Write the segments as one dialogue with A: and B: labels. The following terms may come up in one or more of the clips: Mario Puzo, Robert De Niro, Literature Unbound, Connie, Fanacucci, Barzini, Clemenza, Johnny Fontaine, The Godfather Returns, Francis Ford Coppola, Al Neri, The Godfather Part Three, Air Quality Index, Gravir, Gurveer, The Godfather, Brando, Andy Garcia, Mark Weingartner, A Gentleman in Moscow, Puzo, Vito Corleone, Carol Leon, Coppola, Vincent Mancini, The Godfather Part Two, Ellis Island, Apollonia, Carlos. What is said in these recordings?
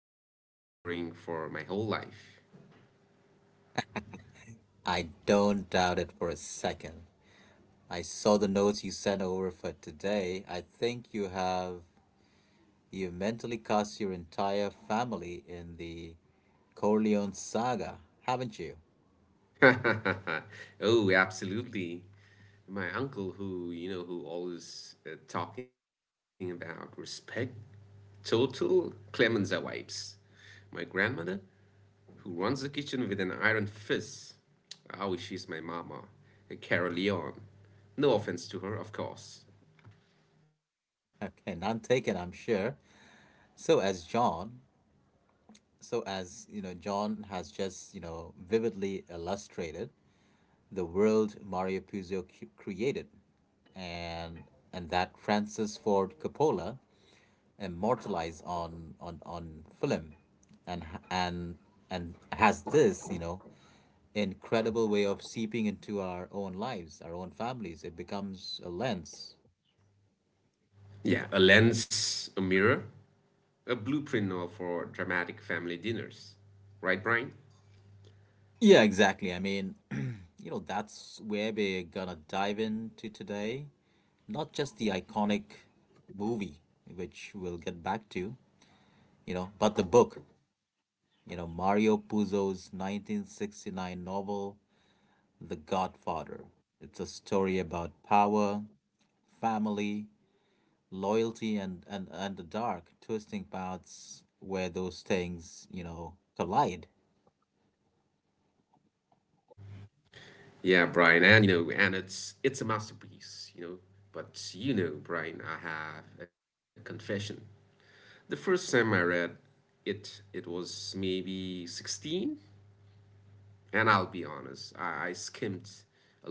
A: been preparing for my whole life.
B: I don't doubt it for a second. I saw the notes you sent over for today. I think you mentally cast your entire family in the Corleone saga, haven't you?
A: Oh, absolutely. My uncle, who you know, who always talking about respect, total Clemenza wipes. My grandmother, who runs the kitchen with an iron fist. Ah, oh, she's my mama, a Carol Leon. No offense to her, of course.
B: Okay, none taken, I'm sure. So as John, so as you know, John has just vividly illustrated the world Mario Puzo created, and and that Francis Ford Coppola immortalized on film, and and and has this incredible way of seeping into our own lives, our own families. It becomes a lens.
A: Yeah, a lens, a mirror, a for dramatic family dinners. Right, Brian?
B: Yeah, exactly. I mean, you know, that's where we're gonna dive into today. Not just the iconic movie, which we'll get back to, you know, but the book. You know, Mario Puzo's 1969 novel, The Godfather. It's a story about power, family, loyalty, and the dark, twisting paths where those things, you know, collide.
A: Yeah, Brian, and you know, and it's a masterpiece, you know. But you know, Brian, I have a confession. The first time I read it, it was maybe 16, and I'll be honest, I skimmed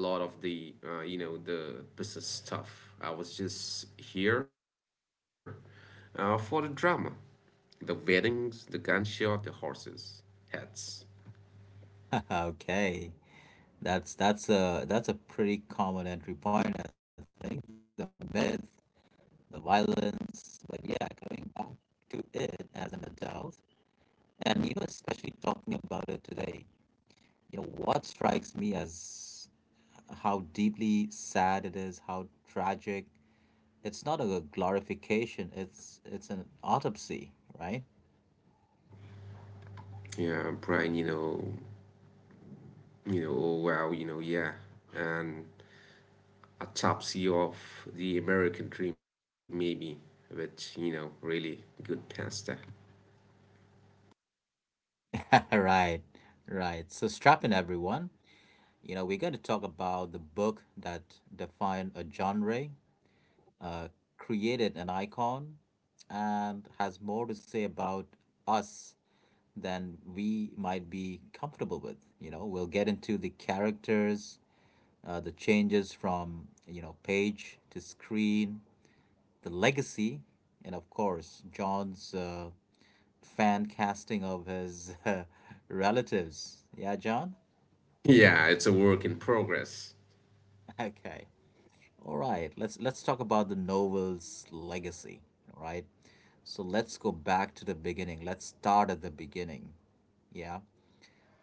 A: a lot of the you know the business stuff. I was just here for the drama, the weddings, the gunshot, the horses, heads.
B: Okay. That's a pretty common entry point, I think. The myth, the violence, but yeah, coming back to it as an adult, and you know, especially talking about it today, you know what strikes me as how deeply sad it is, how tragic. It's not a glorification, it's an autopsy, right?
A: Yeah, Brian, you know, oh wow, you know, yeah, and autopsy of the American dream, maybe, with, you know, really good pasta.
B: Right, right, so strap in everyone. You know, we're going to talk about the book that defined a genre, created an icon, and has more to say about us than we might be comfortable with. You know, we'll get into the characters, the changes from, you know, page to screen, the legacy, and of course John's fan casting of his relatives. Yeah, John.
A: Yeah, it's a work in progress.
B: Okay. All right. Let's talk about the novel's legacy. All right. So let's go back to the beginning. Let's start at the beginning. Yeah.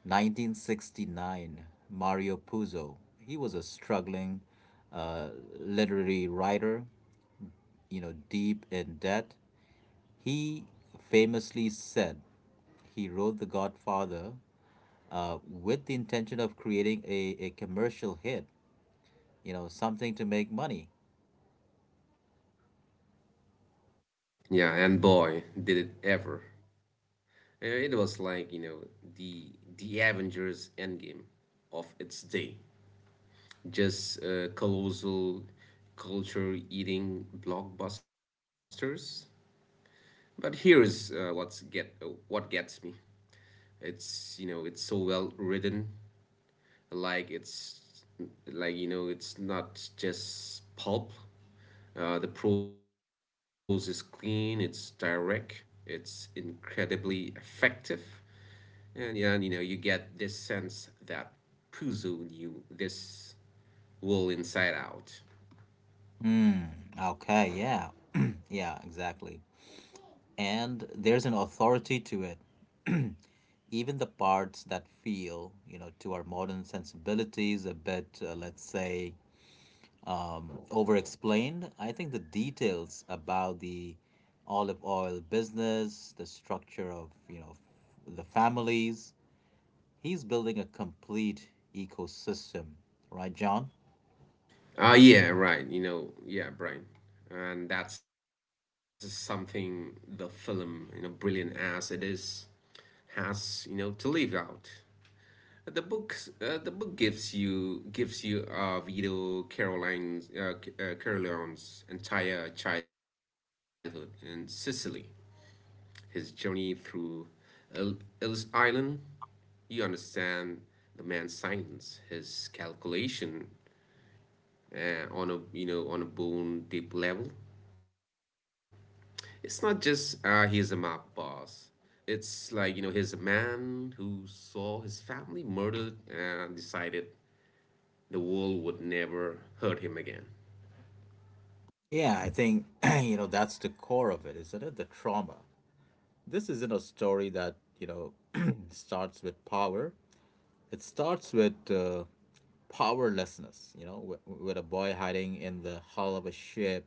B: 1969, Mario Puzo. He was a struggling uh, literary writer, you know, deep in debt. He famously said he wrote The Godfather with the intention of creating a commercial hit, you know, something to make money.
A: Yeah, and boy, did it ever. It was like, you know, the Avengers Endgame of its day. Just colossal culture eating blockbusters. But here is what gets me. It's, you know, it's so well written, like it's like you know it's not just pulp. The prose is clean, it's direct, it's incredibly effective, and yeah, and you know you get this sense that Puzo knew this wool inside out.
B: Mm, okay, yeah. Yeah, exactly. And there's an authority to it. Even the parts that feel, you know, to our modern sensibilities a bit, let's say, over explained. I think the details about the olive oil business, the structure of, you know, the families. He's building a complete ecosystem, right, John?
A: Ah, yeah, right. You know, yeah, Brian, and that's something the film, you know, brilliant as it is, has you know to leave out. The book, gives you uh, Caroline's entire childhood in Sicily, his journey through El- Ellis Island. You understand the man's silence, his calculation on a you know on a bone deep level. It's not just he's a mob boss. It's like you know he's a man who saw his family murdered and decided the world would never hurt him again.
B: Yeah, I think, you know, that's the core of it, isn't it? The trauma. This isn't a story that, you know, starts with power. It starts with powerlessness, you know, with a boy hiding in the hull of a ship,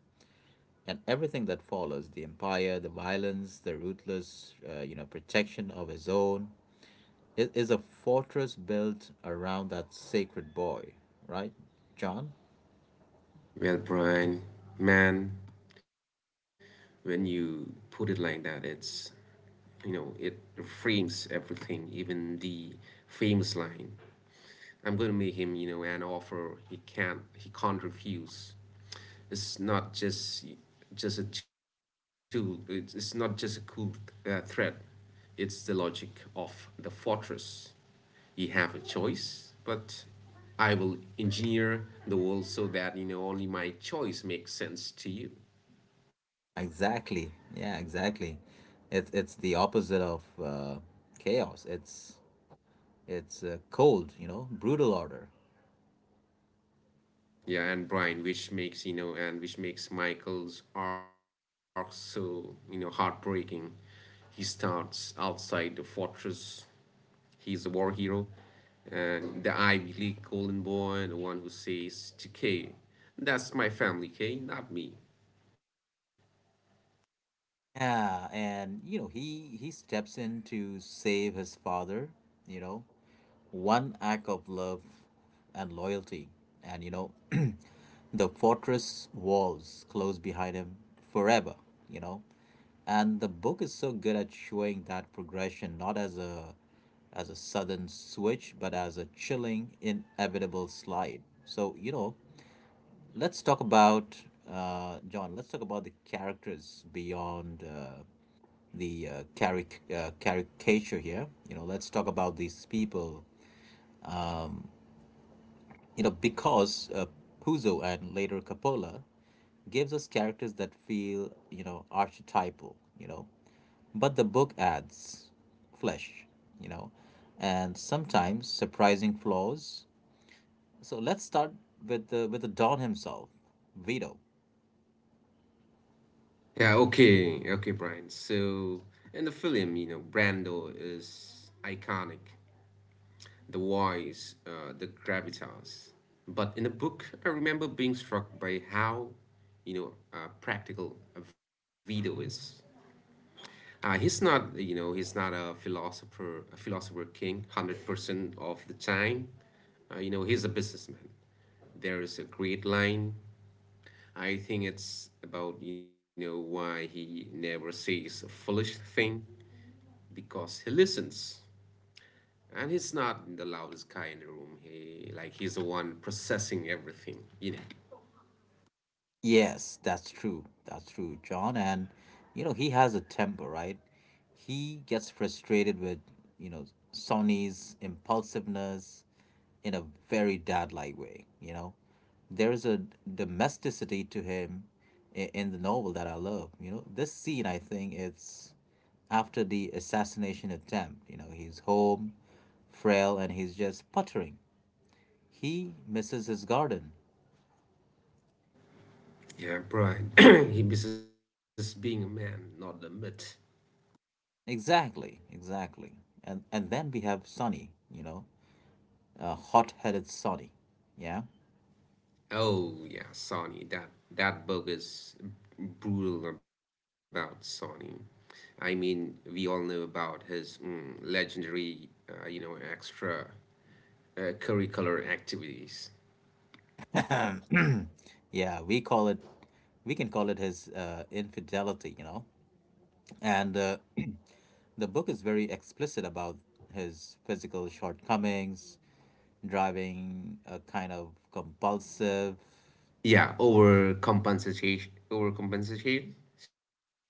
B: and everything that follows: the empire, the violence, the ruthless, you know, protection of his own. It is a fortress built around that sacred boy, right, John?
A: Well, Brian, man, when you put it like that, it's you know it frames everything, even the famous line. I'm going to make him, you know, an offer he can't refuse. It's not just a tool. It's not just a cool threat. It's the logic of the fortress. You have a choice, but I will engineer the world so that you know only my choice makes sense to you.
B: Exactly. Yeah, exactly. It's the opposite of chaos. It's cold, you know, brutal order.
A: Yeah, and Brian, which makes you know, and which makes Michael's arc so you know heartbreaking. He starts outside the fortress. He's a war hero, and the Ivy League golden boy, the one who says to Kay, "That's my family, Kay, not me."
B: Yeah, and you know, he steps in to save his father, you know, one act of love and loyalty. And you know, the fortress walls close behind him forever, you know. And the book is so good at showing that progression not as a sudden switch, but as a chilling, inevitable slide. So, you know, let's talk about John. Let's talk about the characters beyond the caricature here. You know, let's talk about these people. You know, because Puzo and later Coppola gives us characters that feel, you know, archetypal. You know, but the book adds flesh. You know, and sometimes surprising flaws. So let's start with the Don himself, Vito.
A: Yeah, okay, okay, Brian. So in the film, you know, Brando is iconic, the voice, the gravitas. But in the book, I remember being struck by how, you know, practical Vito is. He's not, you know, he's not a philosopher king, 100% of the time. You know, he's a businessman. There is a great line. I think it's about, you know, why he never says a foolish thing, because he listens, and he's not the loudest guy in the room. He like he's the one processing everything, you know.
B: Yes, that's true. That's true, John. And, you know, he has a temper, right? He gets frustrated with, you know, Sonny's impulsiveness in a very dad like way, you know? There is a domesticity to him in the novel that I love. You know, this scene, I think, it's after the assassination attempt. You know, he's home, frail, and he's just puttering. He misses his garden.
A: Yeah, Brian. He misses being a man, not a myth.
B: Exactly, exactly. And then we have Sunny, you know, hot-headed Sunny. Yeah,
A: Oh, yeah, Sonny. That book is brutal about Sonny. I mean, we all know about his legendary you know extra curricular activities.
B: yeah. We call it, we can call it his infidelity, you know. And the book is very explicit about his physical shortcomings, driving a kind of compulsive.
A: Yeah, overcompensation, overcompensation, over Right.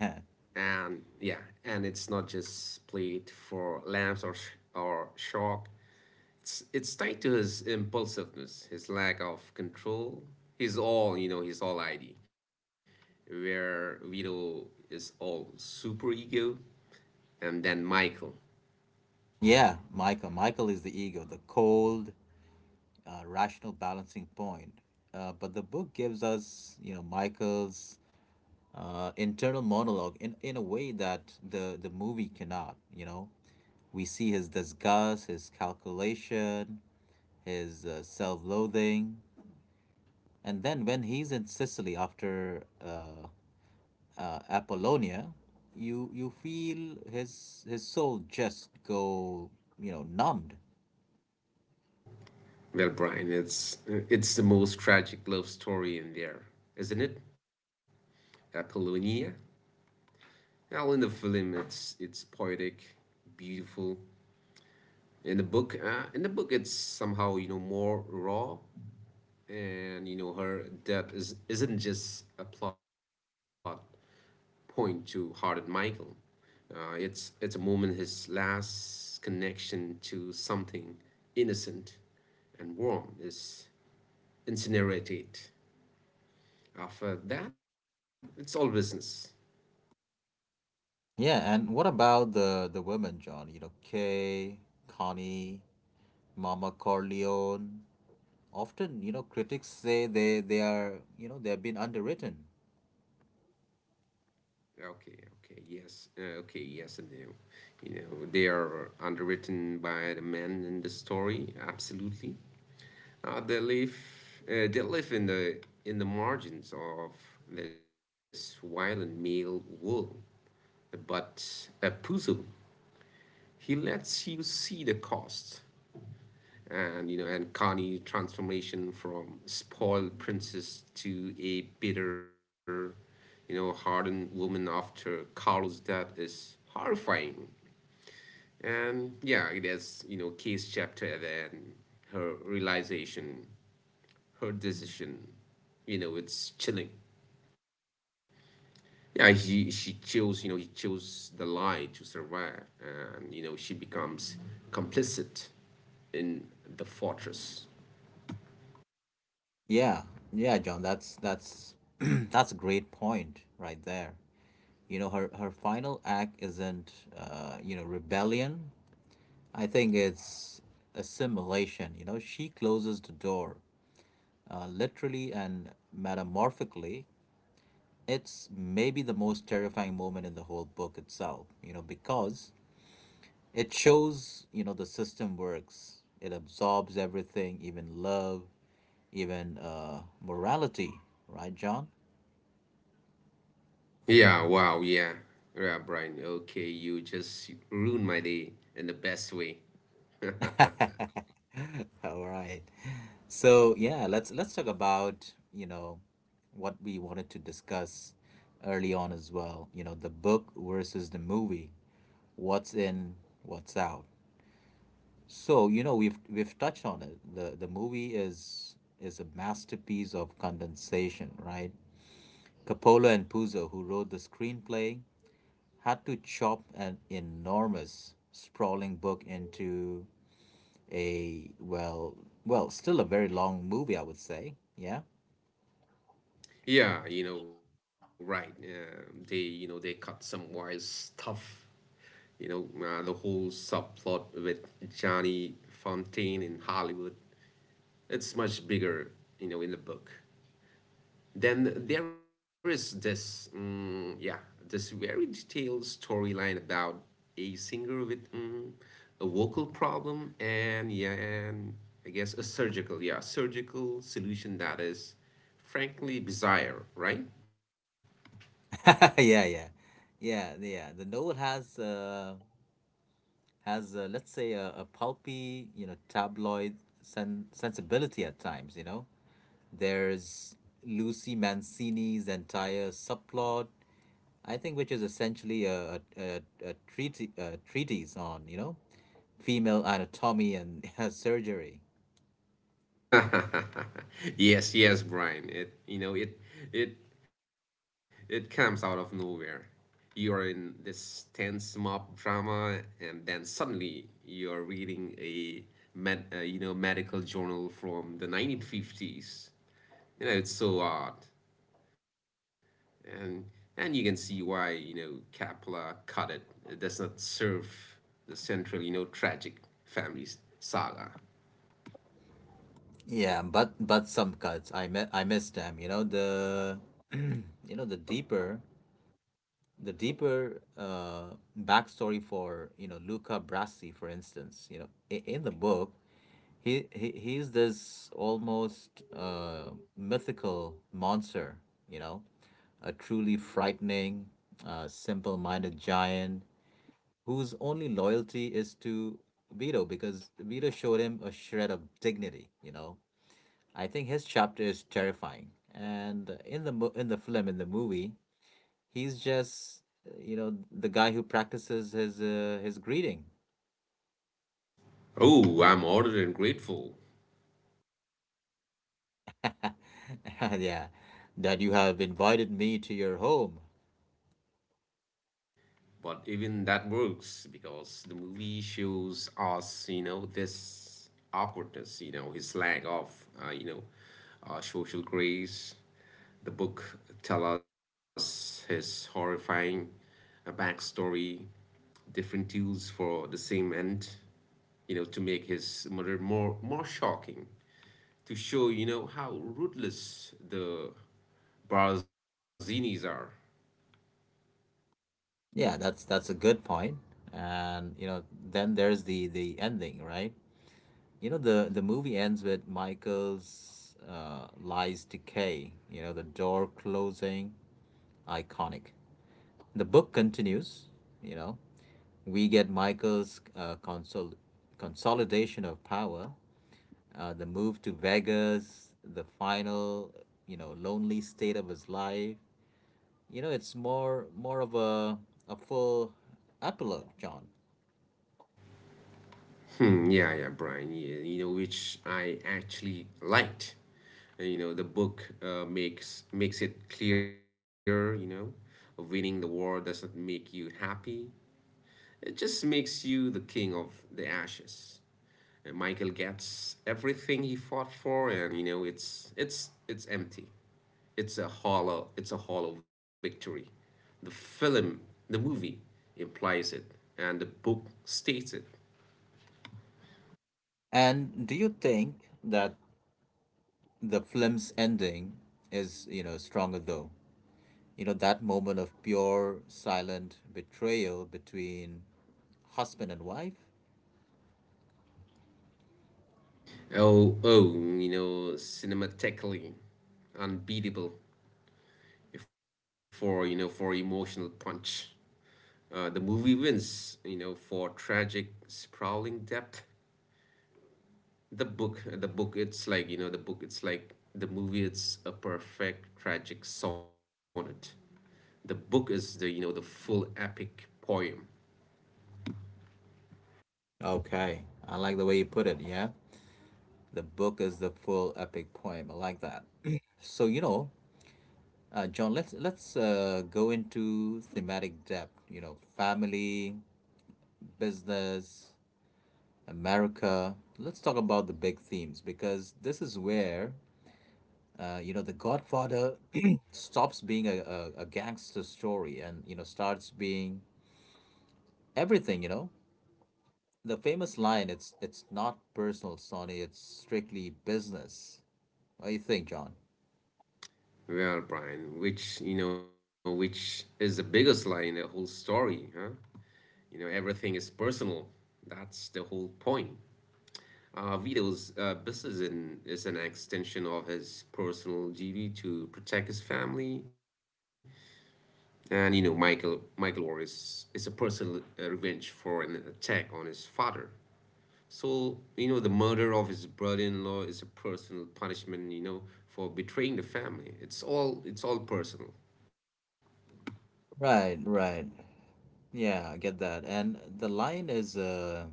A: And yeah, and it's not just played for laughs or shock. It's tied to his impulsiveness, his lack of control. He's all you know he's all id, where Vito is all super ego. And then Michael.
B: Yeah, Michael. Michael is the ego, the cold, rational balancing point. But the book gives us, you know, Michael's internal monologue in a way that the movie cannot, you know? We see his disgust, his calculation, his self loathing. And then when he's in Sicily after Apollonia, you feel his soul just go, you know, numbed.
A: Well, Brian, it's the most tragic love story in there, isn't it? Apollonia. Well, in the film it's poetic, beautiful. In the book, it's somehow you know more raw, and you know her death is isn't just a plot point to Hart and Michael. It's a moment his last connection to something innocent and warm is incinerated. After that it's all business.
B: Yeah, and what about the women, John? You know, Kay, Connie, Mama Corleone, often, you know, critics say they are, you know, they have been underwritten.
A: Okay, okay, yes, okay, yes and no. You know they are underwritten by the men in the story, absolutely. Uh, they live uh, they live in the margins of this violent male world. But Puzo, he lets you see the cost, and you know and Connie transformation from spoiled princess to a bitter, you know, hardened woman after Carlos' death is horrifying. And yeah, it has you know case chapter and her realization, her decision. You know, it's chilling. Yeah, she chose. You know, he chose the lie to survive, and you know she becomes complicit in the fortress.
B: Yeah, yeah, John, that's that's a great point right there. You know, her her final act isn't, you know, rebellion. I think it's assimilation. You know, she closes the door, literally and metamorphically. It's maybe the most terrifying moment in the whole book itself. You know, because it shows, you know, the system works. It absorbs everything, even love, even morality, right, John?
A: Yeah. Wow. Yeah. Yeah, Brian. Okay, you just ruined my day in the best way.
B: All right. So yeah, let's talk about, you know, what we wanted to discuss early on as well. You know, the book versus the movie. What's in, what's out. So you know we've touched on it. The movie is a masterpiece of condensation, right? Coppola and Puzo, who wrote the screenplay, had to chop an enormous, sprawling book into a, well, still a very long movie, I would say. Yeah,
A: Yeah. You know, right. They you know they cut some wild stuff, you know, the whole subplot with Johnny Fontaine in Hollywood. It's much bigger you know in the book. Then there is this yeah this very detailed storyline about a singer with a vocal problem, and yeah, and I guess a surgical, yeah, surgical solution that is frankly bizarre, right?
B: yeah, yeah, yeah. The novel has has, let's say, a pulpy, you know, tabloid sensibility at times. You know, there's Lucy Mancini's entire subplot, I think, which is essentially a treatise on, you know, female anatomy and surgery.
A: Yes, yes, Brian. It you know it it it comes out of nowhere. You're in this tense mob drama, and then suddenly you're reading a you know medical journal from the 1950s. You know it's so odd, and and you can see why you know Capella cut it. It does not serve the central you know tragic family's saga.
B: Yeah, but some cuts I miss them. You know the you know the deeper backstory for, you know, Luca Brasi, for instance. You know in the book, he's this almost mythical monster. You know, a truly frightening, simple-minded giant whose only loyalty is to Vito because Vito showed him a shred of dignity. You know, I think his chapter is terrifying, and in the film in the movie, he's just, you know, the guy who practices his greeting.
A: Oh, I'm honored and grateful.
B: Yeah, that you have invited me to your home.
A: But even that works because the movie shows us, you know, this awkwardness, you know, his lack of, uh, you know, social grace. The book tell us his horrifying backstory, different tools for the same end, you know, to make his murder more shocking, to show, you know, how ruthless the Barzinis are.
B: Yeah, that's a good point. And you know, then there's the ending, right? You know, the movie ends with Michael's lies decay, you know, the door closing, iconic. The book continues, you know, we get Michael's consolidation of power, the move to Vegas, the final, you know, lonely state of his life. You know, it's more of a full epilogue, John.
A: Hmm, yeah, yeah, Brian. Yeah, you know, which I actually liked. You know, the book uh, makes it clear. You know, winning the war doesn't make you happy. It just makes you the king of the ashes. And Michael gets everything he fought for, and you know, it's empty. It's a hollow victory. The film, the movie implies it, and the book states it.
B: And do you think that the film's ending is, you know, stronger though? You know, that moment of pure silent betrayal between husband and wife.
A: Oh, oh, you know, cinematically unbeatable for you know for emotional punch. The movie wins, you know, for tragic, sprawling depth. It's like you know, the book, it's like the movie. It's a perfect tragic sonnet. The book is the you know the full epic poem.
B: Okay, I like the way you put it. Yeah, the book is the full epic poem. I like that. So, you know, John, let's go into thematic depth. You know, family, business, America. Let's talk about the big themes, because this is where you know the Godfather stops being a gangster story and, you know, starts being everything. You know, the famous line: it's not personal, Sonny, it's strictly business. What do you think, John?
A: Well, Brian, which you know, which is the biggest lie in the whole story, huh? You know, everything is personal. That's the whole point. Vito's is an extension of his personal duty to protect his family, and you know Michael War is a personal revenge for an attack on his father. So you know the murder of his brother-in-law is a personal punishment. You know for betraying the family. It's all personal.
B: Right, right, yeah, I get that. And the line is a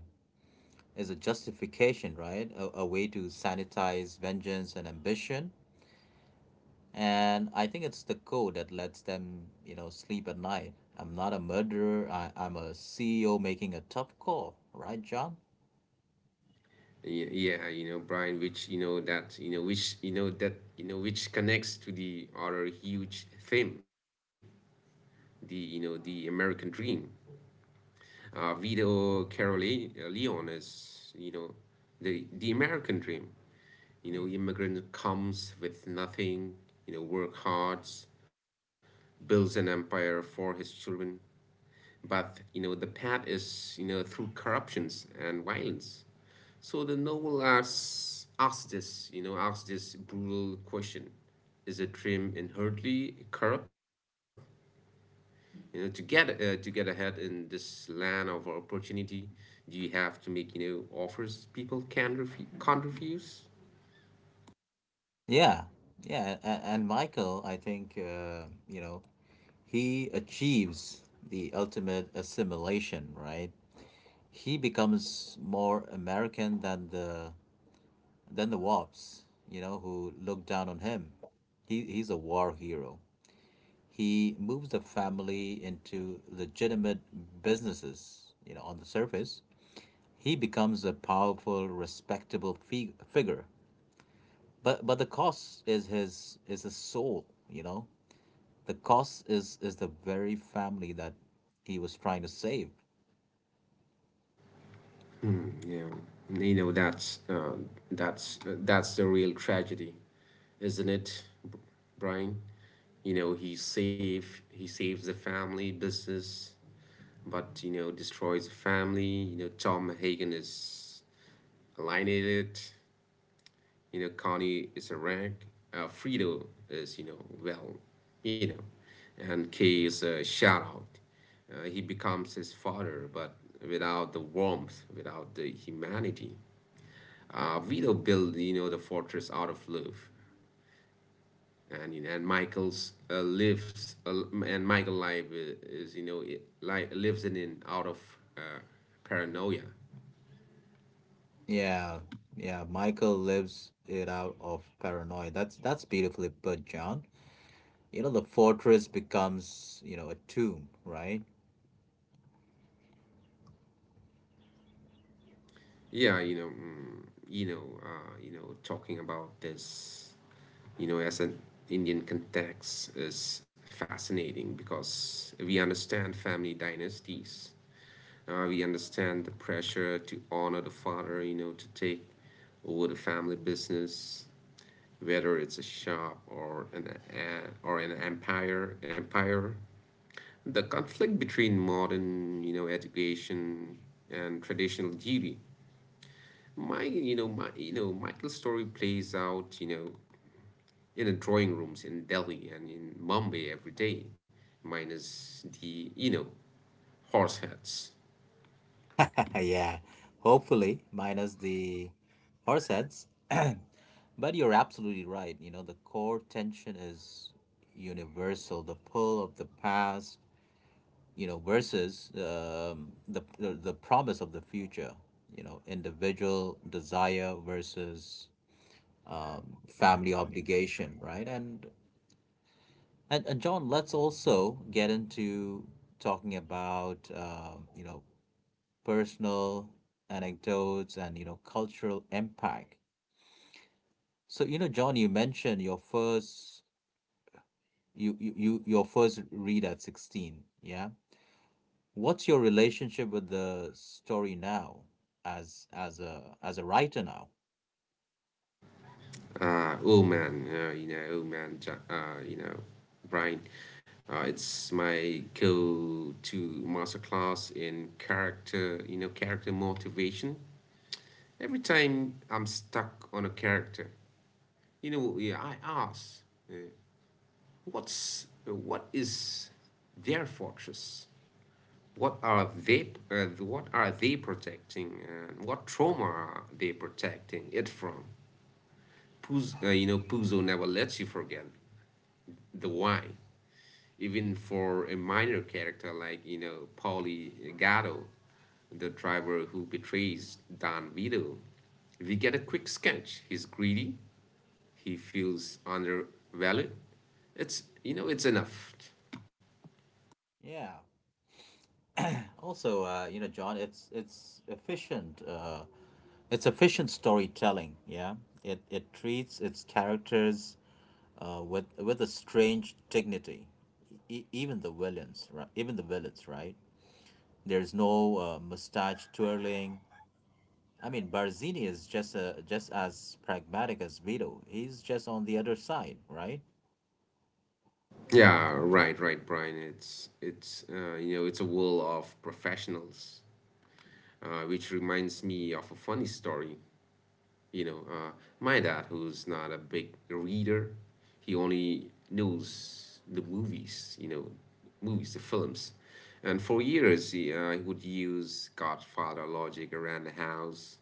B: is a justification, right, a way to sanitize vengeance and ambition. And I think it's the code that lets them, you know, sleep at night. I'm not a murderer, I'm a ceo making a tough call, right John?
A: Yeah, yeah, you know Brian, which you know that you know which you know that you know which connects to the other huge theme, the you know the American dream. Vito Corleone is, you know, the American dream. You know, immigrant comes with nothing. You know, work hard, builds an empire for his children. But you know, the path is you know through corruptions and violence. So the novel asks this, you know, asks this brutal question: is a dream inherently corrupt? You know to get ahead in this land of opportunity, do you have to make you know offers people can can't refuse?
B: Yeah, yeah, and Michael, I think, you know, he achieves the ultimate assimilation, right? He becomes more American than the Wops, you know, who look down on him. He's a war hero. He moves the family into legitimate businesses, you know, on the surface. He becomes a powerful, respectable figure. But the cost is his, is his soul, you know. The cost is the very family that he was trying to save.
A: Hmm, yeah, you know that's the real tragedy, isn't it, Brian? You know he saves the family business, but you know destroys the family. You know Tom Hagen is alienated. You know, Connie is a rank. Frito is, you know, well, you know, and K is a shout out. He becomes his father, but without the warmth, without the humanity. Vito built, you know, the fortress out of love, and you know, and Michael life is, you know, it, like lives in out of uh, paranoia.
B: Yeah, yeah. Michael lives it out of paranoia. That's beautifully put, John. You know, the fortress becomes a tomb, right?
A: Yeah, you know, mm, you know, talking about this you know, as an Indian context is fascinating because we understand family dynasties. We understand the pressure to honor the father, to take over the family business, whether it's a shop or an or an empire. The conflict between modern, education and traditional duty. Michael's story plays out, in the drawing rooms in Delhi and in Mumbai every day, minus the horse heads.
B: Yeah. Hopefully, minus the horse heads. But you're absolutely right. You know, the core tension is universal. The pull of the past, versus the, the promise of the future. You know, individual desire versus family obligation, right? And John, let's also get into talking about you know, personal anecdotes and, you know, cultural impact. So, you know, John, you mentioned your first your first read at 16, yeah. What's your relationship with the story now, as a writer now?
A: Oh man, you know, oh man, Ja- you know, Brian, it's my go-to master class in character, character motivation. Every time I'm stuck on a character, yeah, I ask, uh, what is their fortress? What are they protecting, and what trauma are they protecting it from? Puzo never lets you forget the why, even for a minor character like, Paulie Gatto, the driver who betrays Don Vito. We get a quick sketch: he's greedy, he feels undervalued. It's you know it's enough.
B: Yeah. Also, you know, John, it's efficient. It's efficient storytelling. Yeah. It treats its characters with a strange dignity. Even the villains, right? Even the villains, right? There's no mustache twirling. I mean, Barzini is just as pragmatic as Vito. He's just on the other side, right?
A: Yeah, right, right, Brian. It's it's uh, you know it's a world of professionals, which reminds me of a funny story. You know, uh, my dad, who's not a big reader, he only knows the movies. The films. And for years he would use Godfather logic around the house.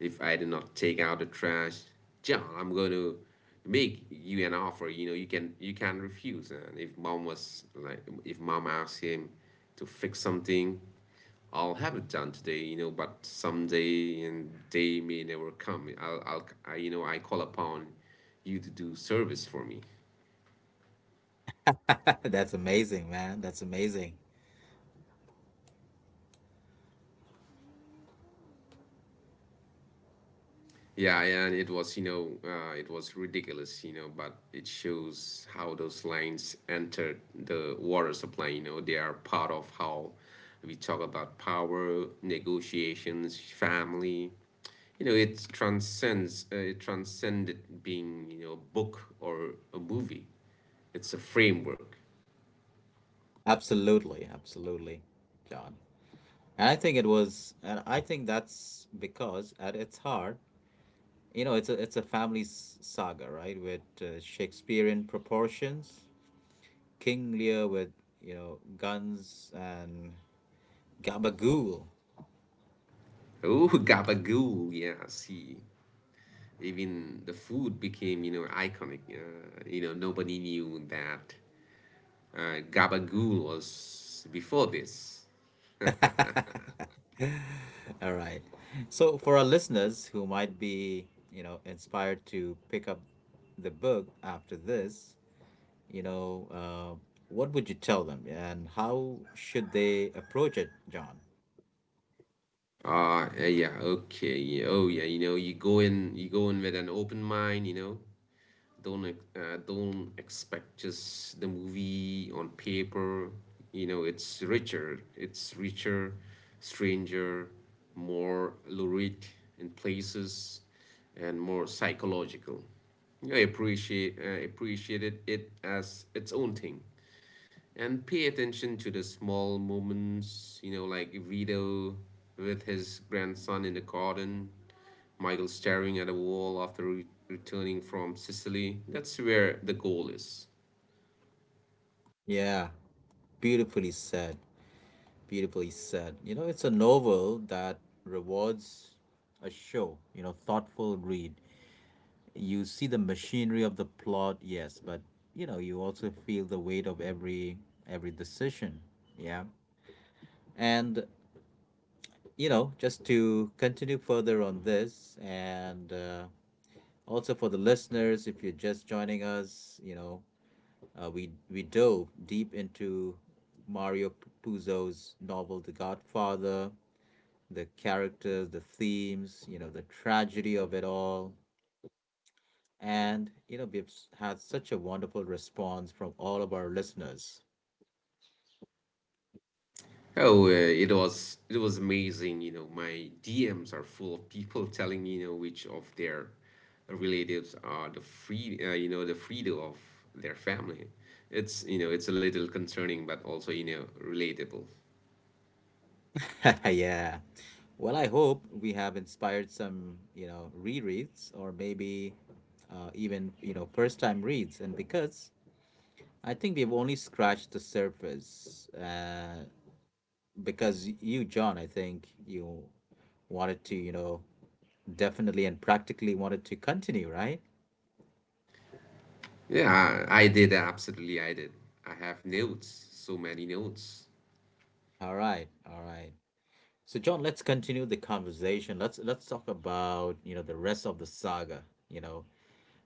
A: If I do not take out the trash, John, I'm going to make you an offer you can refuse. And if mom asked him to fix something, I'll have it done today. But someday, and day may never come, I call upon you to do service for me.
B: That's amazing, man. That's amazing.
A: Yeah, and it was ridiculous, but it shows how those lines entered the water supply. They are part of how we talk about power, negotiations, family. It transcended being, a book or a movie. It's a framework.
B: Absolutely, absolutely, John. And I think that's because at its heart, you know, it's a family saga, right? With Shakespearean proportions, King Lear with, you know, guns and gabagool.
A: Oh, gabagool, yeah, see. Even the food became, iconic. Nobody knew that Gabagool was before this.
B: All right. So for our listeners who might be, you know, inspired to pick up the book after this, you know, uh, what would you tell them, and how should they approach it, John?
A: Yeah, okay. You go in with an open mind. Don't expect just the movie on paper. It's richer, stranger, more lurid in places, and more psychological. I appreciated it as its own thing. And pay attention to the small moments, like Vito with his grandson in the garden, Michael staring at a wall after returning from Sicily. That's where the goal is.
B: Yeah, beautifully said. Beautifully said. You know, it's a novel that rewards a show, you know, thoughtful read. You see the machinery of the plot, yes, but, you know, you also feel the weight of every decision. Yeah. And, you know, just to continue further on this, and also, for the listeners, if you're just joining us, you know, we dove deep into Mario Puzo's novel The Godfather, the characters, the themes, you know, the tragedy of it all, and, you know, had such a wonderful response from all of our listeners.
A: Oh, it was amazing. My DMs are full of people telling me, which of their relatives are the free, you know, the Frido of their family. It's, it's a little concerning, but also, relatable.
B: Yeah. Well, I hope we have inspired some, you know, rereads, or maybe even, you know, first time reads. And because I think we've only scratched the surface, because you, John, I think you wanted to, you know, definitely and practically wanted to continue, right?
A: Yeah, I did. Absolutely, I did. I have notes. So many notes.
B: All right, all right. So, John, let's continue the conversation. Let's talk about, you know, the rest of the saga. You know,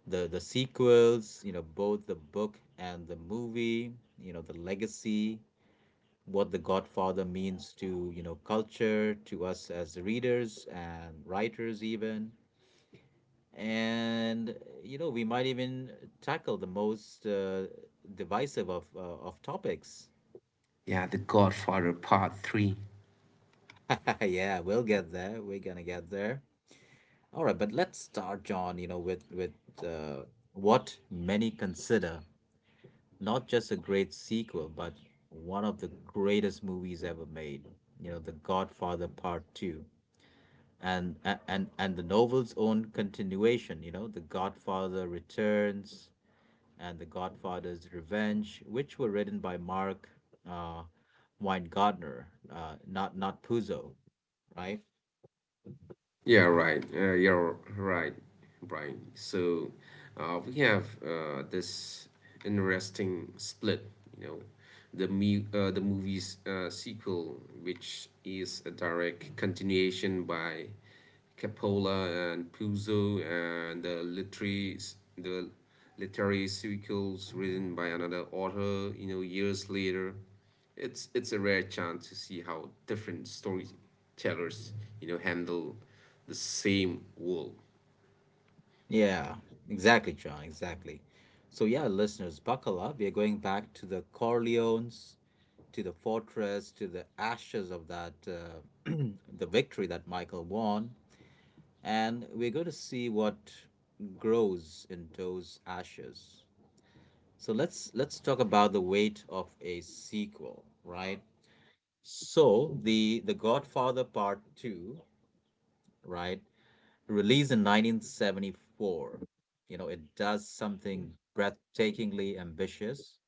B: the sequels. You know, both the book and the movie. You know, the legacy. What the Godfather means to, you know, culture, to us as readers and writers, even. And you know, we might even tackle the most divisive of topics.
A: Yeah, The Godfather Part 3.
B: Yeah, we'll get there, we're gonna get there. All right, but let's start, John, you know, with uh, what many consider not just a great sequel, but one of the greatest movies ever made, you know, The Godfather Part 2, and a- and and the novel's own continuation, you know, The Godfather Returns and The Godfather's Revenge, which were written by Mark uh, Weingartner, not Puzo, right?
A: Yeah, right. You're right, Brian. So we have this interesting split, you know, the movie's sequel, which is a direct continuation by Coppola and Puzo, and the literary sequels written by another author, years later. It's a rare chance to see how different stories tellers, handle the same wool.
B: Yeah, exactly, John, exactly. So yeah, listeners, buckle up. We are going back to the Corleones, to the fortress, to the ashes of that, the victory that Michael won, and we're going to see what grows in those ashes. So let's talk about the weight of a sequel, right? So the Godfather Part Two, right, released in 1974, you know, it does something breathtakingly ambitious.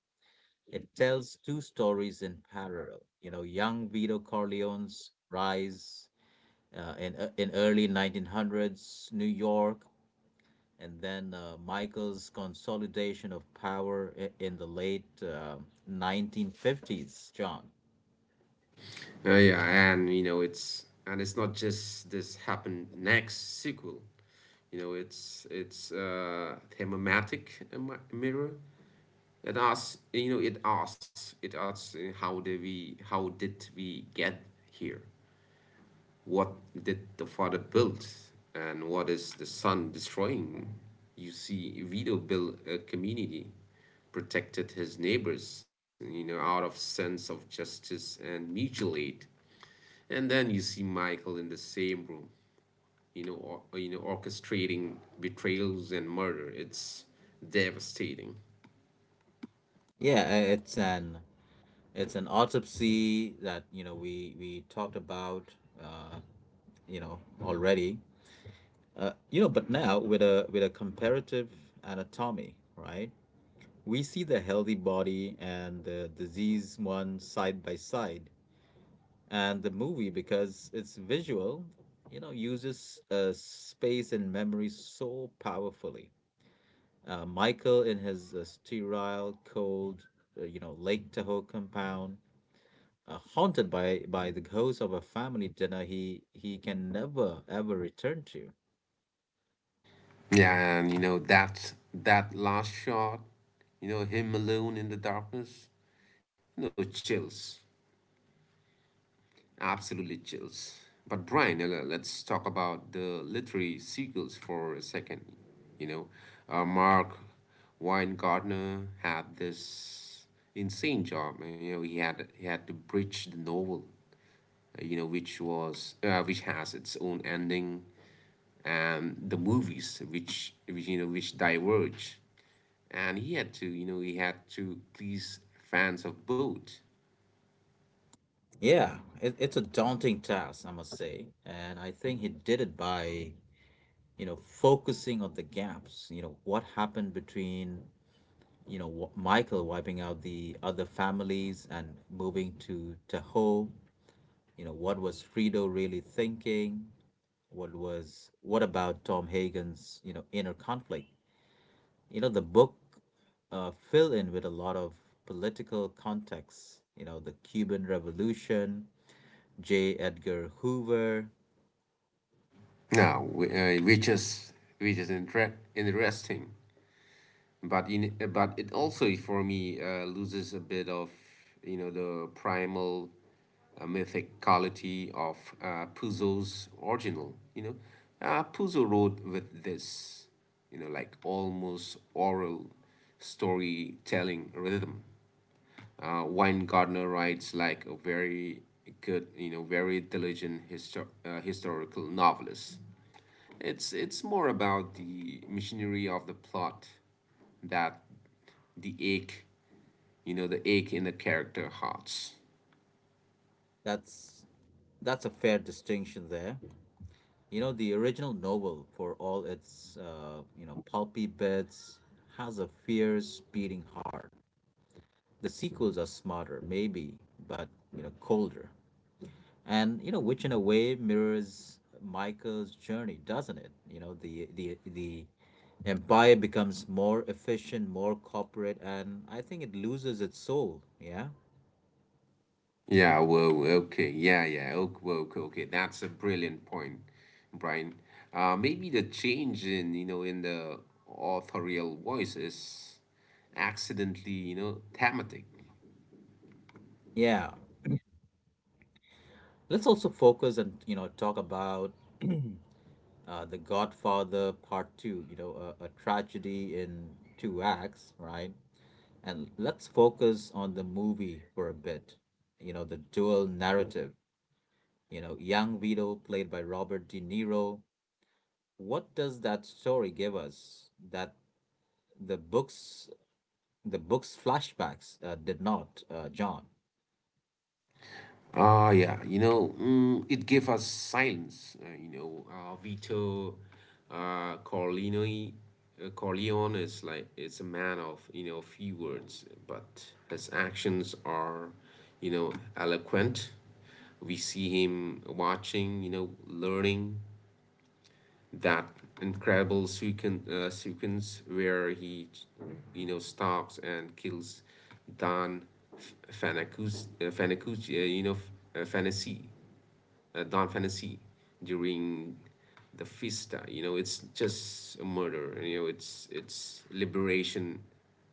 B: It tells two stories in parallel. You know, young Vito Corleone's rise in early 1900s New York, and then Michael's consolidation of power in the late 1950s. John,
A: Yeah, and it's not just this happened next sequel. It's thematic mirror. It asks, how how did we get here? What did the father build, and what is the son destroying? You see, Vito built a community, protected his neighbors, out of sense of justice and mutual aid. And then you see Michael in the same room, you know, orchestrating betrayals and murder. It's devastating.
B: yeah, it's an it's an autopsy that, you know, we talked about, uh, you know, already, you know. But now with a comparative anatomy, right? We see the healthy body and the disease one side by side, and the movie, because it's visual, you know, uses space and memory so powerfully. Michael in his sterile, cold, you know, Lake Tahoe compound, haunted by the ghost of a family dinner he can never ever return to.
A: Yeah, and you know that that last shot, him alone in the darkness, chills. Absolutely chills. But Brian, let's talk about the literary sequels for a second. You know, Mark Weingartner had this insane job. He had to bridge the novel, which has its own ending, and the movies, which, which diverge. And he had to please fans of both.
B: Yeah, it's a daunting task, I must say, and I think he did it by, you know, focusing on the gaps. You know, what happened between, you know, Michael wiping out the other families and moving to Tahoe. You know, what was Frito really thinking? What about Tom Hagen's, you know, inner conflict? You know, the book fill in with a lot of political context, you know, the Cuban Revolution, J. Edgar Hoover.
A: Now, which is interesting, but in but it also, for me, loses a bit of, the primal, mythic quality of Puzo's original. Puzo wrote with this, like almost oral storytelling rhythm. Weingartner writes like a very good, very diligent historical novelist. It's more about the machinery of the plot that the ache, the ache in the character hearts.
B: That's that's a fair distinction there. You know, the original novel, for all its you know, pulpy bits, has a fierce beating heart. The sequels are smarter, maybe, but, you know, colder. And, you know, which in a way mirrors Michael's journey, doesn't it? You know, the empire becomes more efficient, more corporate, and I think it loses its soul. Yeah.
A: Yeah, whoa, okay, yeah, yeah, okay, whoa, okay, okay. That's a brilliant point, Brian. Maybe the change in the authorial voice is accidentally, thematic.
B: Yeah, let's also focus and, you know, talk about The Godfather Part Two, you know, a tragedy in two acts, right? And let's focus on the movie for a bit. You know, the dual narrative, you know, young Vito played by Robert De Niro. What does that story give us that the books, the books' flashbacks did not, John?
A: Yeah, it gave us silence. You know, Vito uh, Corleone, Corleone is it's a man of, few words, but his actions are, you know, eloquent. We see him watching, learning, that incredible sequence where he, stalks and kills Don you know, F- Fantasy Don Fantasy during the Fiesta. It's just a murder. It's liberation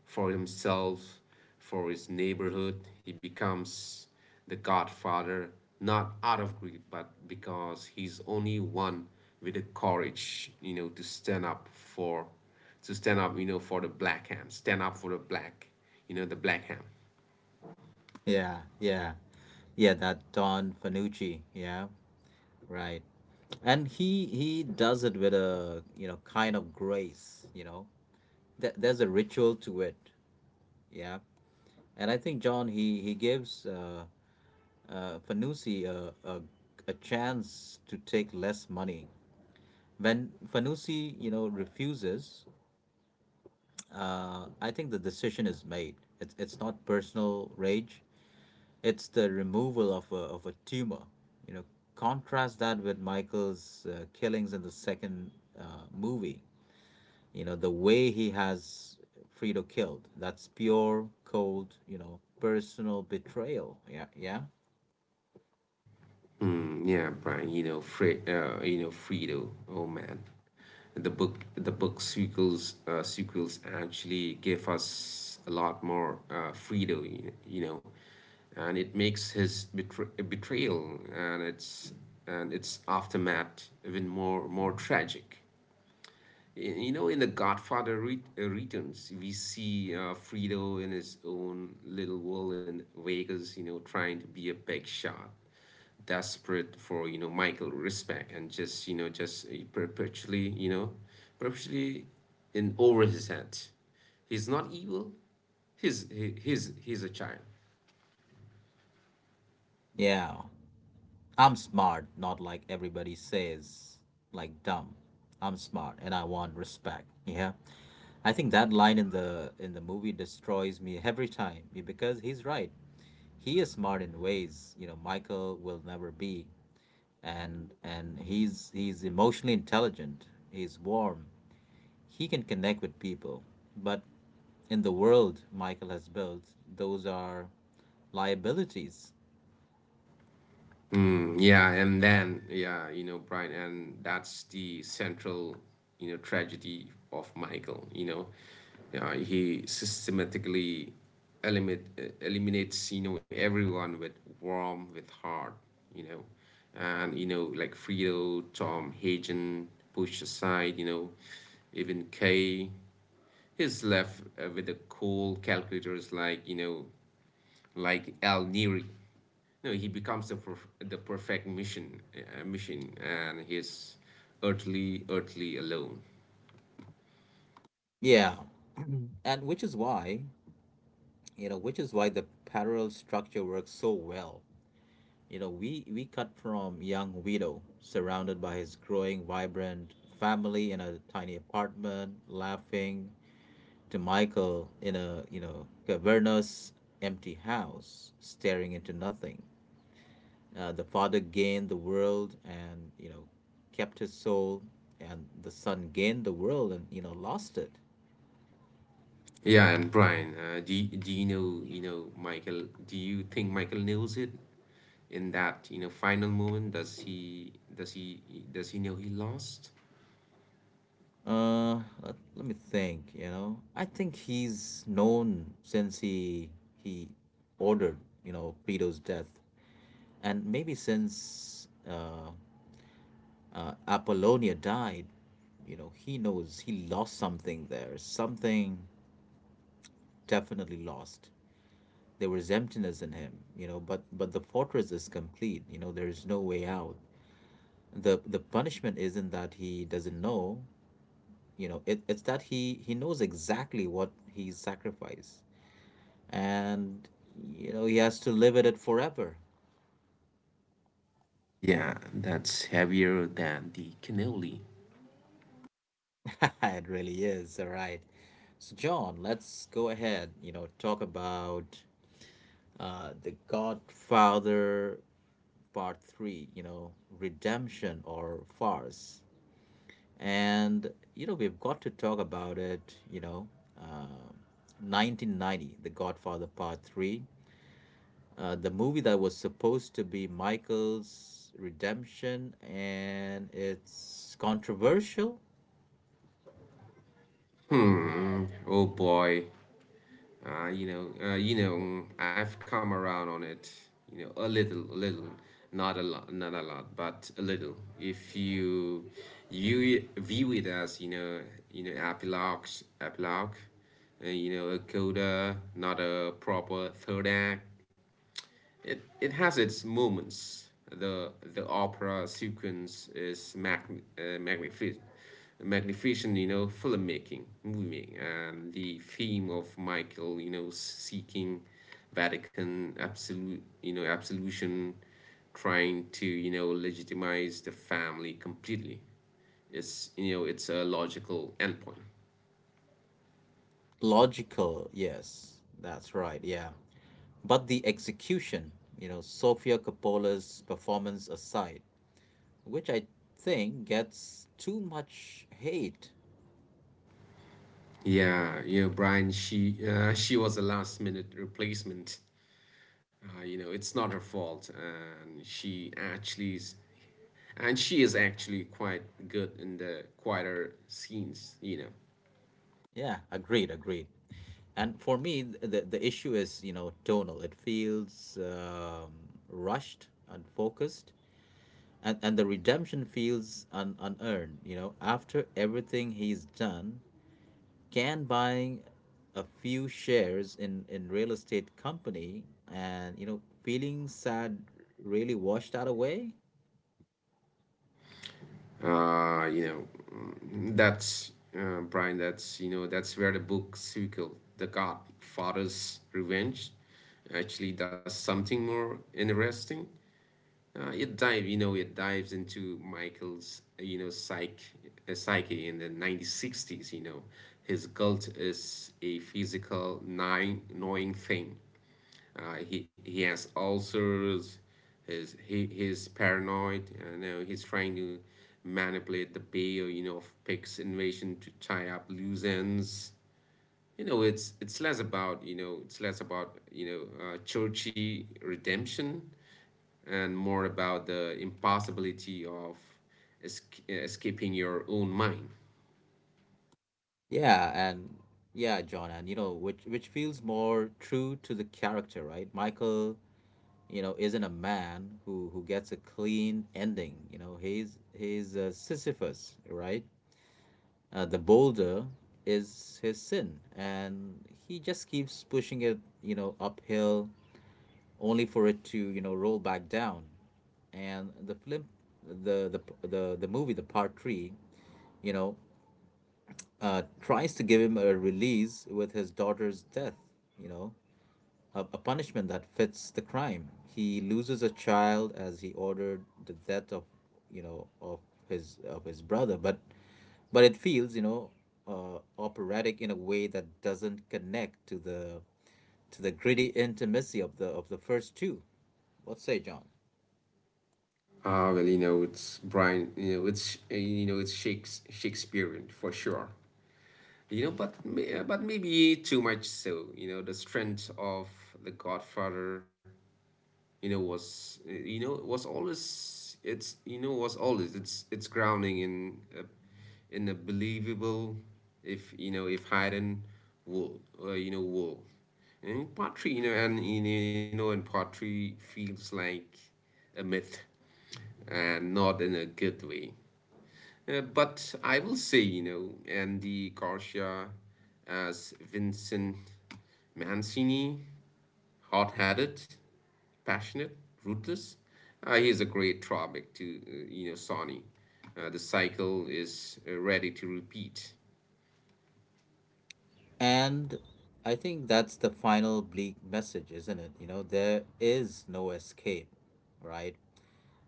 A: for himself, for his neighborhood. He becomes the Godfather, not out of greed, but because he's only one with the courage, to stand up for, to stand up, for the black hand, stand up for the black, the black hand.
B: Yeah, yeah, yeah, that Don Fanucci, yeah, right. And he does it with a, you know, kind of grace, you know. There's a ritual to it. Yeah. And I think, John, he gives Fanucci a chance to take less money. When Fanucci, you know, refuses, I think the decision is made. It's not personal rage. It's the removal of a tumor. You know, contrast that with Michael's killings in the second movie. You know, the way he has Fredo killed. That's pure, cold. You know, personal betrayal. Yeah, yeah,
A: Yeah, Brian, Fredo. Oh man, the book sequels sequels actually give us a lot more, Fredo, and it makes his betrayal and its aftermath even more tragic. You know, in The Godfather Returns, we see, Fredo in his own little world in Vegas, trying to be a big shot, desperate for, Michael respect, and just, perpetually, perpetually in over his head. He's not evil. He's he, he's a child.
B: yeah. I'm smart, not like everybody says, like dumb. I'm smart and I want respect. Yeah. I think that line in the movie destroys me every time, because he's right. He is smart in ways, you know, Michael will never be. And he's emotionally intelligent. He's warm. He can connect with people. But in the world Michael has built, those are liabilities.
A: Yeah, and then yeah, Brian, and that's the central, tragedy of Michael. Yeah, he systematically eliminates, everyone with warm, with heart. You know, and you know Like Frito, Tom, Hagen, pushed aside. Even Kay, he's left, with the cold calculators, like, like Al Neri. No, he becomes the perfect mission, and he's utterly alone.
B: Yeah. And which is why, the parallel structure works so well. You know, we cut from young Vito, surrounded by his growing vibrant family in a tiny apartment, laughing, to Michael in a, you know, cavernous empty house, staring into nothing. The father gained the world and, you know, kept his soul, and the son gained the world and, you know, lost it.
A: Yeah, and Brian, do you know Michael? Do you think Michael knows it in that, final moment? Does he know he lost?
B: Uh, Let me think, you know. I think he's known since he ordered, you know, Peto's death. And maybe since Apollonia died, you know, he knows he lost something there. Something definitely lost. There was emptiness in him, you know, but the fortress is complete, you know, there is no way out. The punishment isn't that he doesn't know, you know, it's that he knows exactly what he's sacrificed, and, you know, he has to live with it forever.
A: Yeah, that's heavier than the cannoli.
B: It really is. All right, so, John, let's go ahead, you know, talk about The Godfather Part Three, you know, redemption or farce. And, you know, we've got to talk about it. You know, um 1990, The Godfather Part Three, the movie that was supposed to be Michael's redemption, and it's controversial.
A: Hmm. Oh boy. I've come around on it. A little, a little, not a lot, not a lot, but a little. If you view it as, epilogue, epilogue, a coda, not a proper third act. It has its moments. The opera sequence is uh, magnific- magnificent, filmmaking, movie making, and the theme of Michael, seeking Vatican absolution, trying to, legitimize the family completely. It's you know it's a logical endpoint.
B: Logical, yes, that's right, yeah. But the execution, you know, Sofia Coppola's performance aside, which I think gets too much hate.
A: Yeah, Brian. She was a last minute replacement, it's not her fault, and she is actually quite good in the quieter scenes.
B: Yeah, agreed, agreed. And for me, the issue is, you know, tonal. It feels rushed, unfocused, and the redemption feels unearned, you know, after everything he's done. Can buying a few shares in real estate company and, you know, feeling sad really washed that away?
A: You know mm, that's Brian, that's you know that's where the book sequel, The Godfather's Revenge, actually does something more interesting. It dives into Michael's, psyche in the 1960s. His cult is a physical, gnawing, gnawing thing. He has ulcers. His he he's paranoid. He's trying to manipulate the bail, of Pig's invasion to tie up loose ends. It's less about, churchy redemption, and more about the impossibility of escaping your own mind.
B: Yeah, and yeah, John, and, you know, which feels more true to the character, right? Michael, you know, isn't a man who gets a clean ending. You know, he's a Sisyphus, right? The boulder is his sin, and he just keeps pushing it, you know, uphill, only for it to, you know, roll back down. And the film, the the the movie, the Part Three, you know, tries to give him a release with his daughter's death, you know, a punishment that fits the crime. He loses a child as he ordered the death of you know of his brother, but it feels operatic in a way that doesn't connect to the gritty intimacy of the first two. What say, John?
A: Well, you know, it's Brian, Shakespearean for sure. But, but maybe too much so. The strength of The Godfather you know was always it's you know was always it's grounding in a believable if Haydn will and poetry you know and poetry feels like a myth, and not in a good way. But I will say, Andy Garcia as Vincent Mancini: hot-headed, passionate, ruthless. He's a great drawback to, Sony. The cycle is, ready to repeat.
B: And I think that's the final bleak message, isn't it? You know, there is no escape, right?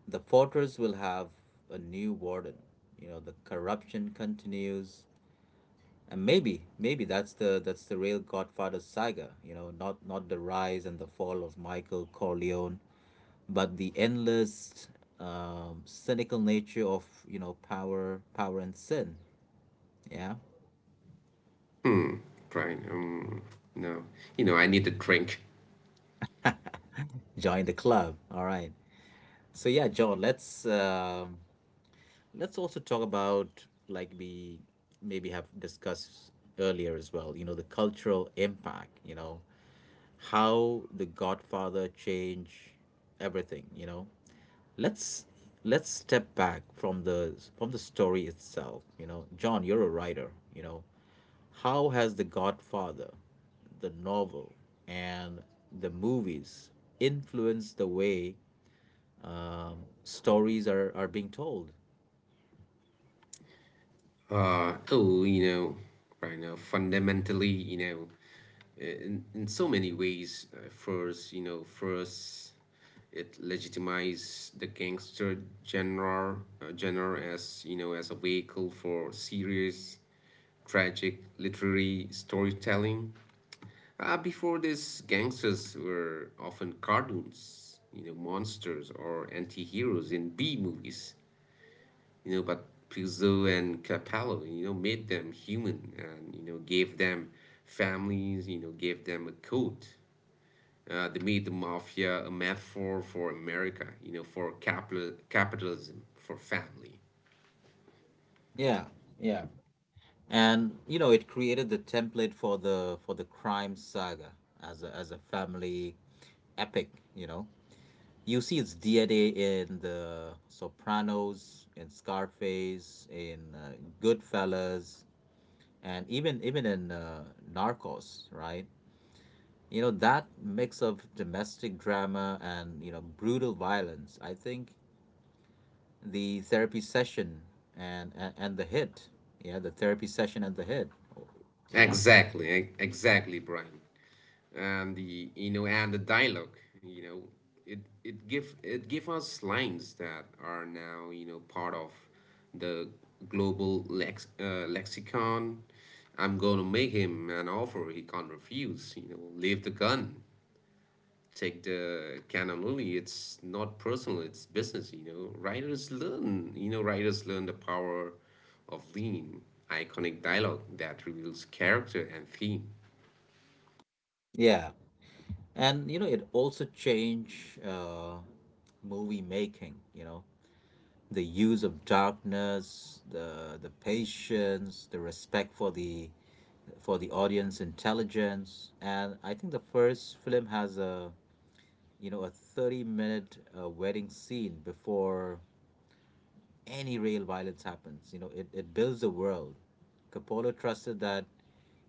B: The fortress will have a new warden. You know, the corruption continues. And maybe that's the real Godfather saga, you know, not the rise and the fall of Michael Corleone, but the endless cynical nature of, you know, power and sin. Yeah.
A: Brian, no, you know I need a drink.
B: Join the club. All right. So yeah, John, let's also talk about, like we maybe have discussed earlier as well, you know, the cultural impact, you know, how The Godfather changed everything, you know. Let's let's step back from the story itself, you know. John, you're a writer, you know. How has The Godfather, the novel and the movies influenced the way stories are being told?
A: Oh, Brian, fundamentally, in so many ways. First, it legitimizes the gangster genre as, as a vehicle for serious, tragic, literary storytelling. Before this, gangsters were often cartoons, monsters or anti-heroes in B movies, but Puzo and Capello, made them human and, gave them families, gave them a code. They made the mafia a metaphor for America, for capitalism, for family.
B: Yeah, yeah. And you know it created the template for the crime saga as a family epic. You know, you see its DNA in the Sopranos, in Scarface, in Goodfellas, and even in Narcos, right? You know, that mix of domestic drama and you know brutal violence. I think the therapy session and the hit. Yeah, the therapy session and the hit. Yeah.
A: Exactly, exactly, Brian. And the dialogue, you know, it it give us lines that are now, part of the global lexicon. I'm gonna make him an offer he can't refuse. Leave the gun, take the canon. Only, it's not personal, it's business. Writers learn the power of lean, iconic dialogue that reveals character and theme.
B: Yeah. And you know it also changed movie making. You know, the use of darkness, the patience, the respect for the audience intelligence. And I think the first film has a you know a 30 minute wedding scene before any real violence happens. You know, it builds a world. Coppola trusted that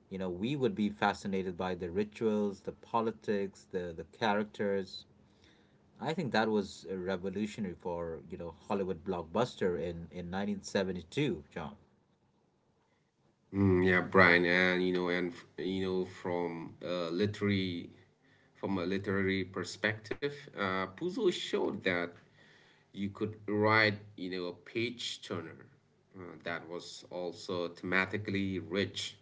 B: you know we would be fascinated by the rituals, the politics, the characters. I think that was revolutionary for you know Hollywood blockbuster in 1972, John.
A: Mm, yeah, Brian, and, from a from a literary perspective, Puzo showed that you could write, a page turner, that was also thematically rich.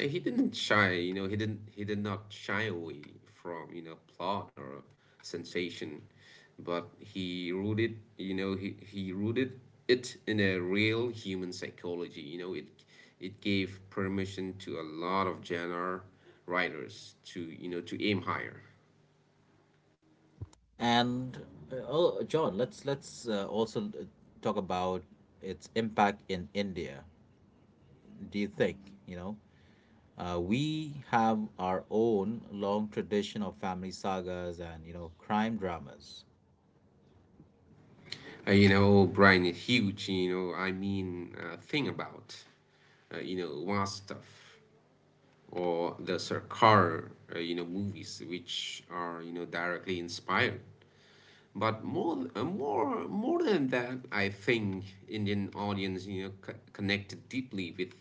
A: He didn't shy, you know, he didn't he did not shy away from, plot or sensation, but he rooted, you know, he rooted it in a real human psychology. It gave permission to a lot of genre writers to, to aim higher.
B: And oh, John, let's also talk about its impact in India. Do you think you know we have our own long tradition of family sagas and you know crime dramas?
A: Brian, huge, I mean, thing about, vast stuff. Or the Sarkar, movies, which are, directly inspired. But more than that, I think Indian audience, connected deeply with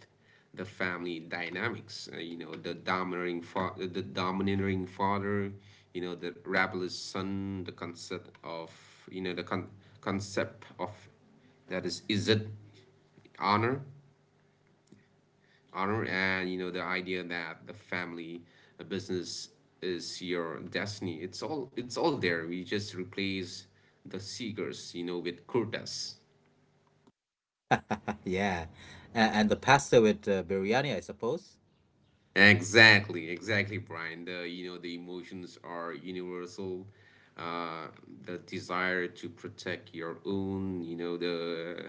A: the family dynamics. The the domineering father, the rebellious son, the concept of, you know, the con- concept of that is it honor, and, the idea that the family, a business, is your destiny. It's all, there. We just replace the seekers, with kurtas.
B: Yeah, and the pasta with biryani, I suppose.
A: Exactly, exactly, Brian. The you know The emotions are universal. uh the desire to protect your own, you know the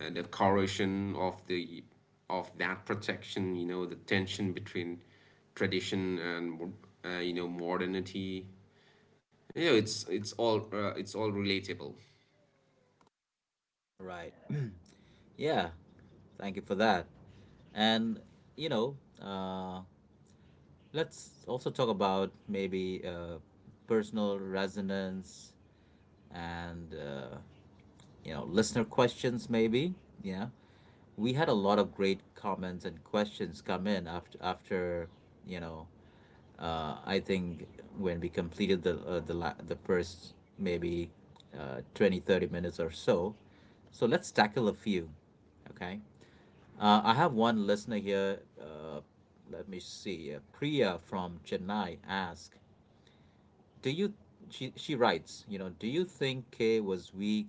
A: uh, the corrosion of the of that protection. The tension between tradition and, modernity. Yeah, it's all relatable.
B: Right. Yeah. Thank you for that. And you know, let's also talk about maybe personal resonance and you know listener questions. Maybe, yeah, we had a lot of great comments and questions come in after you know I think when we completed the first maybe 20 30 minutes or so. So let's tackle a few. Okay, I have one listener here. Let me see. Priya from Chennai asks, do you, she writes, you know, do you think Kay was weak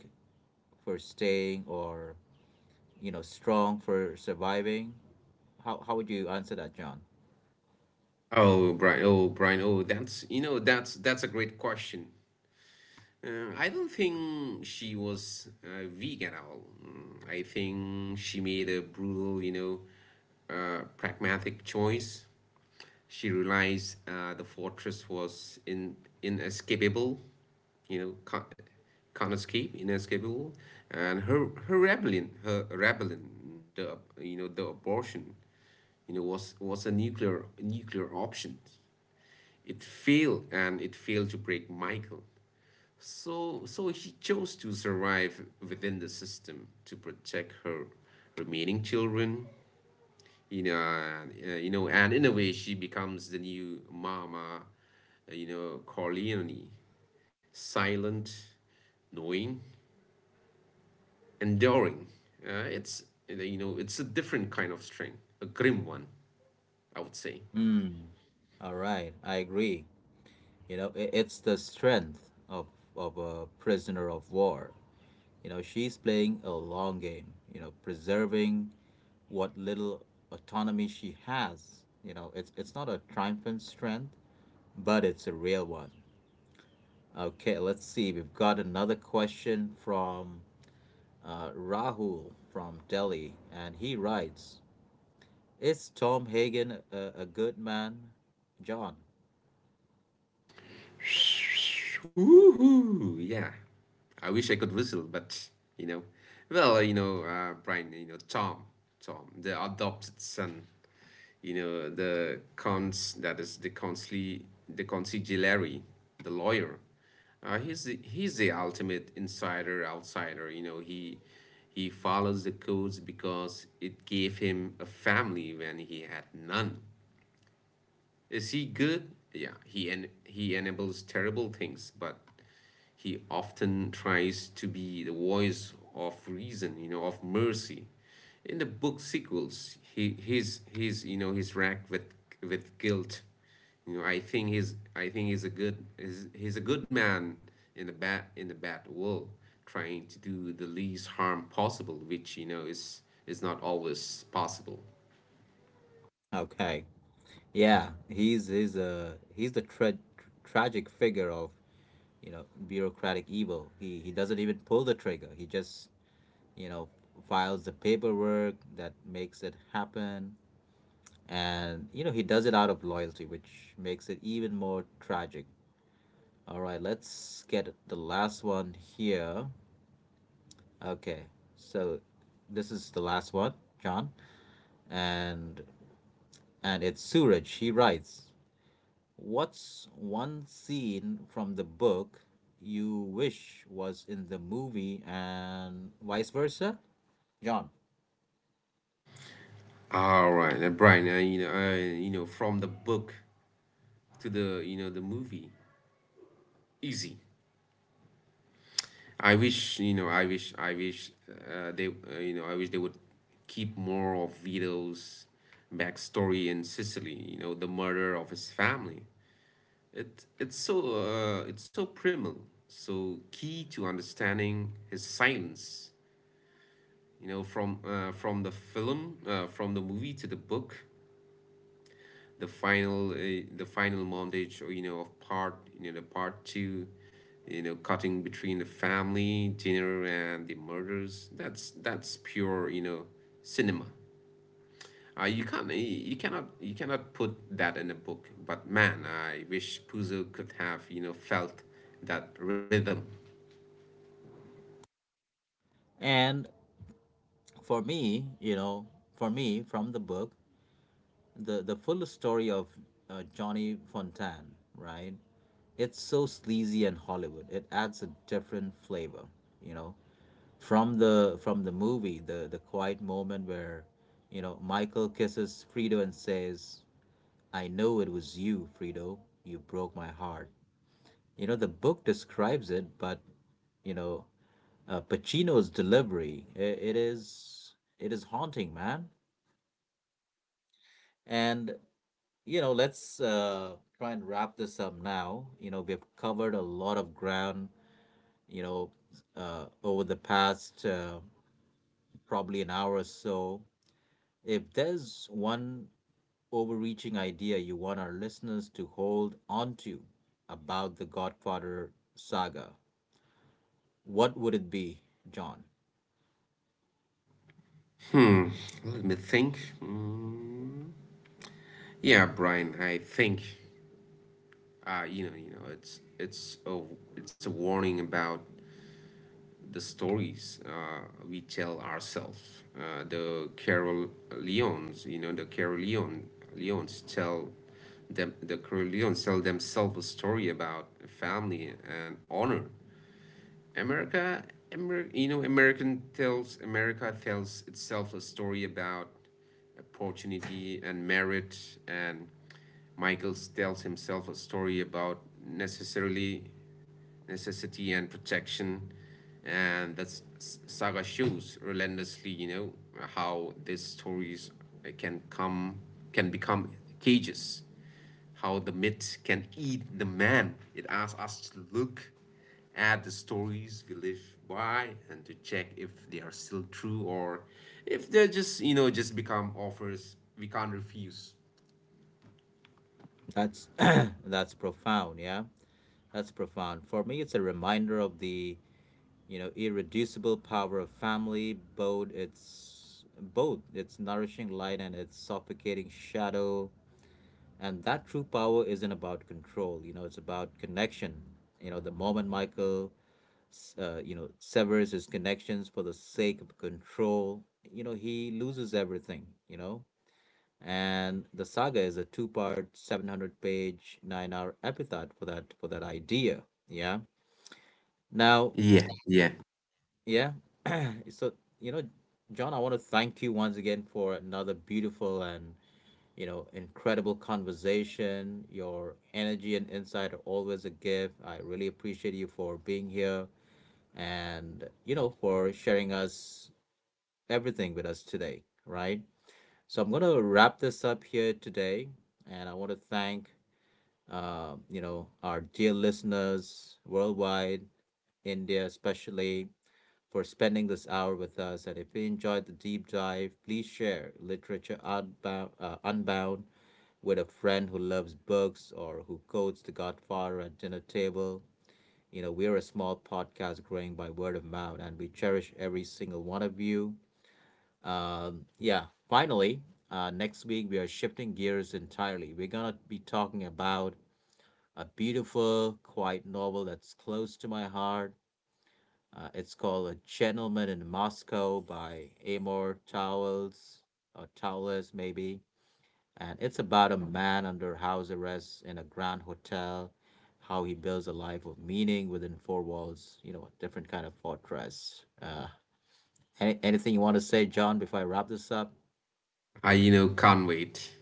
B: for staying or you know strong for surviving? How would you answer that, John?
A: Oh, Brian. Oh, Brian. Oh, that's you know that's a great question. I don't think she was, vegan at all. Mm, I think she made a brutal, pragmatic choice. She realized, the fortress was in inescapable, you know, can't, can't escape, inescapable, and her rebellion, the abortion, was, a nuclear option. It failed, and it failed to break Michael. So he chose to survive within the system, to protect her remaining children. And in a way, she becomes the new Mama, Corleone: silent, knowing, enduring. It's, it's a different kind of strength, a grim one, I would say.
B: Mm. All right, I agree. You know, it's the strength of a prisoner of war. You know, she's playing a long game, you know, preserving what little autonomy she has. You know, it's not a triumphant strength, but it's a real one. Okay, let's see. We've got another question from Rahul from Delhi, and he writes, is Tom Hagen a good man, John?
A: Woohoo! Yeah, I wish I could whistle, but, you know, well, Brian, Tom, the adopted son, the cons that is the consul, the consigliere, the lawyer. He's the ultimate insider outsider. He follows the codes because it gave him a family when he had none. Is he good? Yeah, he enables terrible things, but he often tries to be the voice of reason, of mercy. In the book sequels, he's racked with, guilt. I think he's a he's a good man in the bad world, trying to do the least harm possible, which, is not always possible.
B: Okay. Yeah, he's the tragic figure of, you know, bureaucratic evil. He doesn't even pull the trigger. He just, you know, files the paperwork that makes it happen. And you know, he does it out of loyalty, which makes it even more tragic. All right, let's get the last one here. Okay, so this is the last one, John, and and it's Suraj. He writes, "What's one scene from the book you wish was in the movie, and vice versa?" John.
A: All right, and Brian, from the book to the you know the movie, easy. I wish, they would keep more of Vito's backstory in Sicily, the murder of his family. It's so, it's so primal, so key to understanding his silence. From, from the film from the movie to the book, the final montage, you know of part you know the part two, cutting between the family dinner and the murders. That's pure, cinema. You cannot, put that in a book. But man, I wish Puzo could have, felt that rhythm.
B: And for me, you know, for me from the book, the full story of Johnny Fontaine, right? It's so sleazy and Hollywood. It adds a different flavor, you know, from the movie, the quiet moment where, you know, Michael kisses Frito and says, "I know it was you, Frito. You broke my heart." You know, the book describes it, but you know, Pacino's delivery, I it is haunting, man. And you know, let's try and wrap this up now. You know, we've covered a lot of ground, you know, over the past probably an hour or so. If there's one overreaching idea you want our listeners to hold onto about the Godfather saga, what would it be, John?
A: Hmm, let me think. Hmm. Yeah, Brian, I think, it's a, warning about the stories, we tell ourselves. The Carolions, Leons tell the Carolions tell themselves a story about family and honor. America, America tells itself a story about opportunity and merit. And Michael tells himself a story about, necessarily necessity and protection. And that's saga shows relentlessly, how these stories can come can become cages, how the myth can eat the man. It asks us to look at the stories we live by, and to check if they are still true, or if they're just you know just become offers we can't refuse.
B: That's that's profound, yeah. That's profound. For me, it's a reminder of the, you know, irreducible power of family, both its nourishing light and its suffocating shadow. And that true power isn't about control. You know, it's about connection. You know, the moment Michael you know severs his connections for the sake of control, you know, he loses everything, you know. And the saga is a two part 700 page 9-hour epitaph for that idea. Yeah. Now.
A: Yeah, yeah,
B: Yeah. So you know, John, I want to thank you once again for another beautiful and, you know, incredible conversation. Your energy and insight are always a gift. I really appreciate you for being here and, you know, for sharing us everything with us today, right? So I'm going to wrap this up here today. And I want to thank, you know, our dear listeners worldwide, India especially, for spending this hour with us. And if you enjoyed the deep dive, please share Literature Unbound, Unbound, with a friend who loves books or who quotes The Godfather at dinner table. You know, we're a small podcast growing by word of mouth, and we cherish every single one of you. Yeah, finally, next week we are shifting gears entirely. We're going to be talking about a beautiful, quiet novel that's close to my heart. It's called A Gentleman in Moscow by Amor Towles, or Towles maybe. And it's about a man under house arrest in a grand hotel, how he builds a life of meaning within four walls, you know, a different kind of fortress. Anything you want to say, John, before I wrap this up?
A: I can't wait.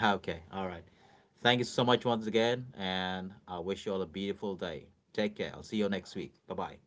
B: Ah, okay, all right. Thank you so much once again, and I wish you all a beautiful day. Take care. I'll see you next week. Bye bye.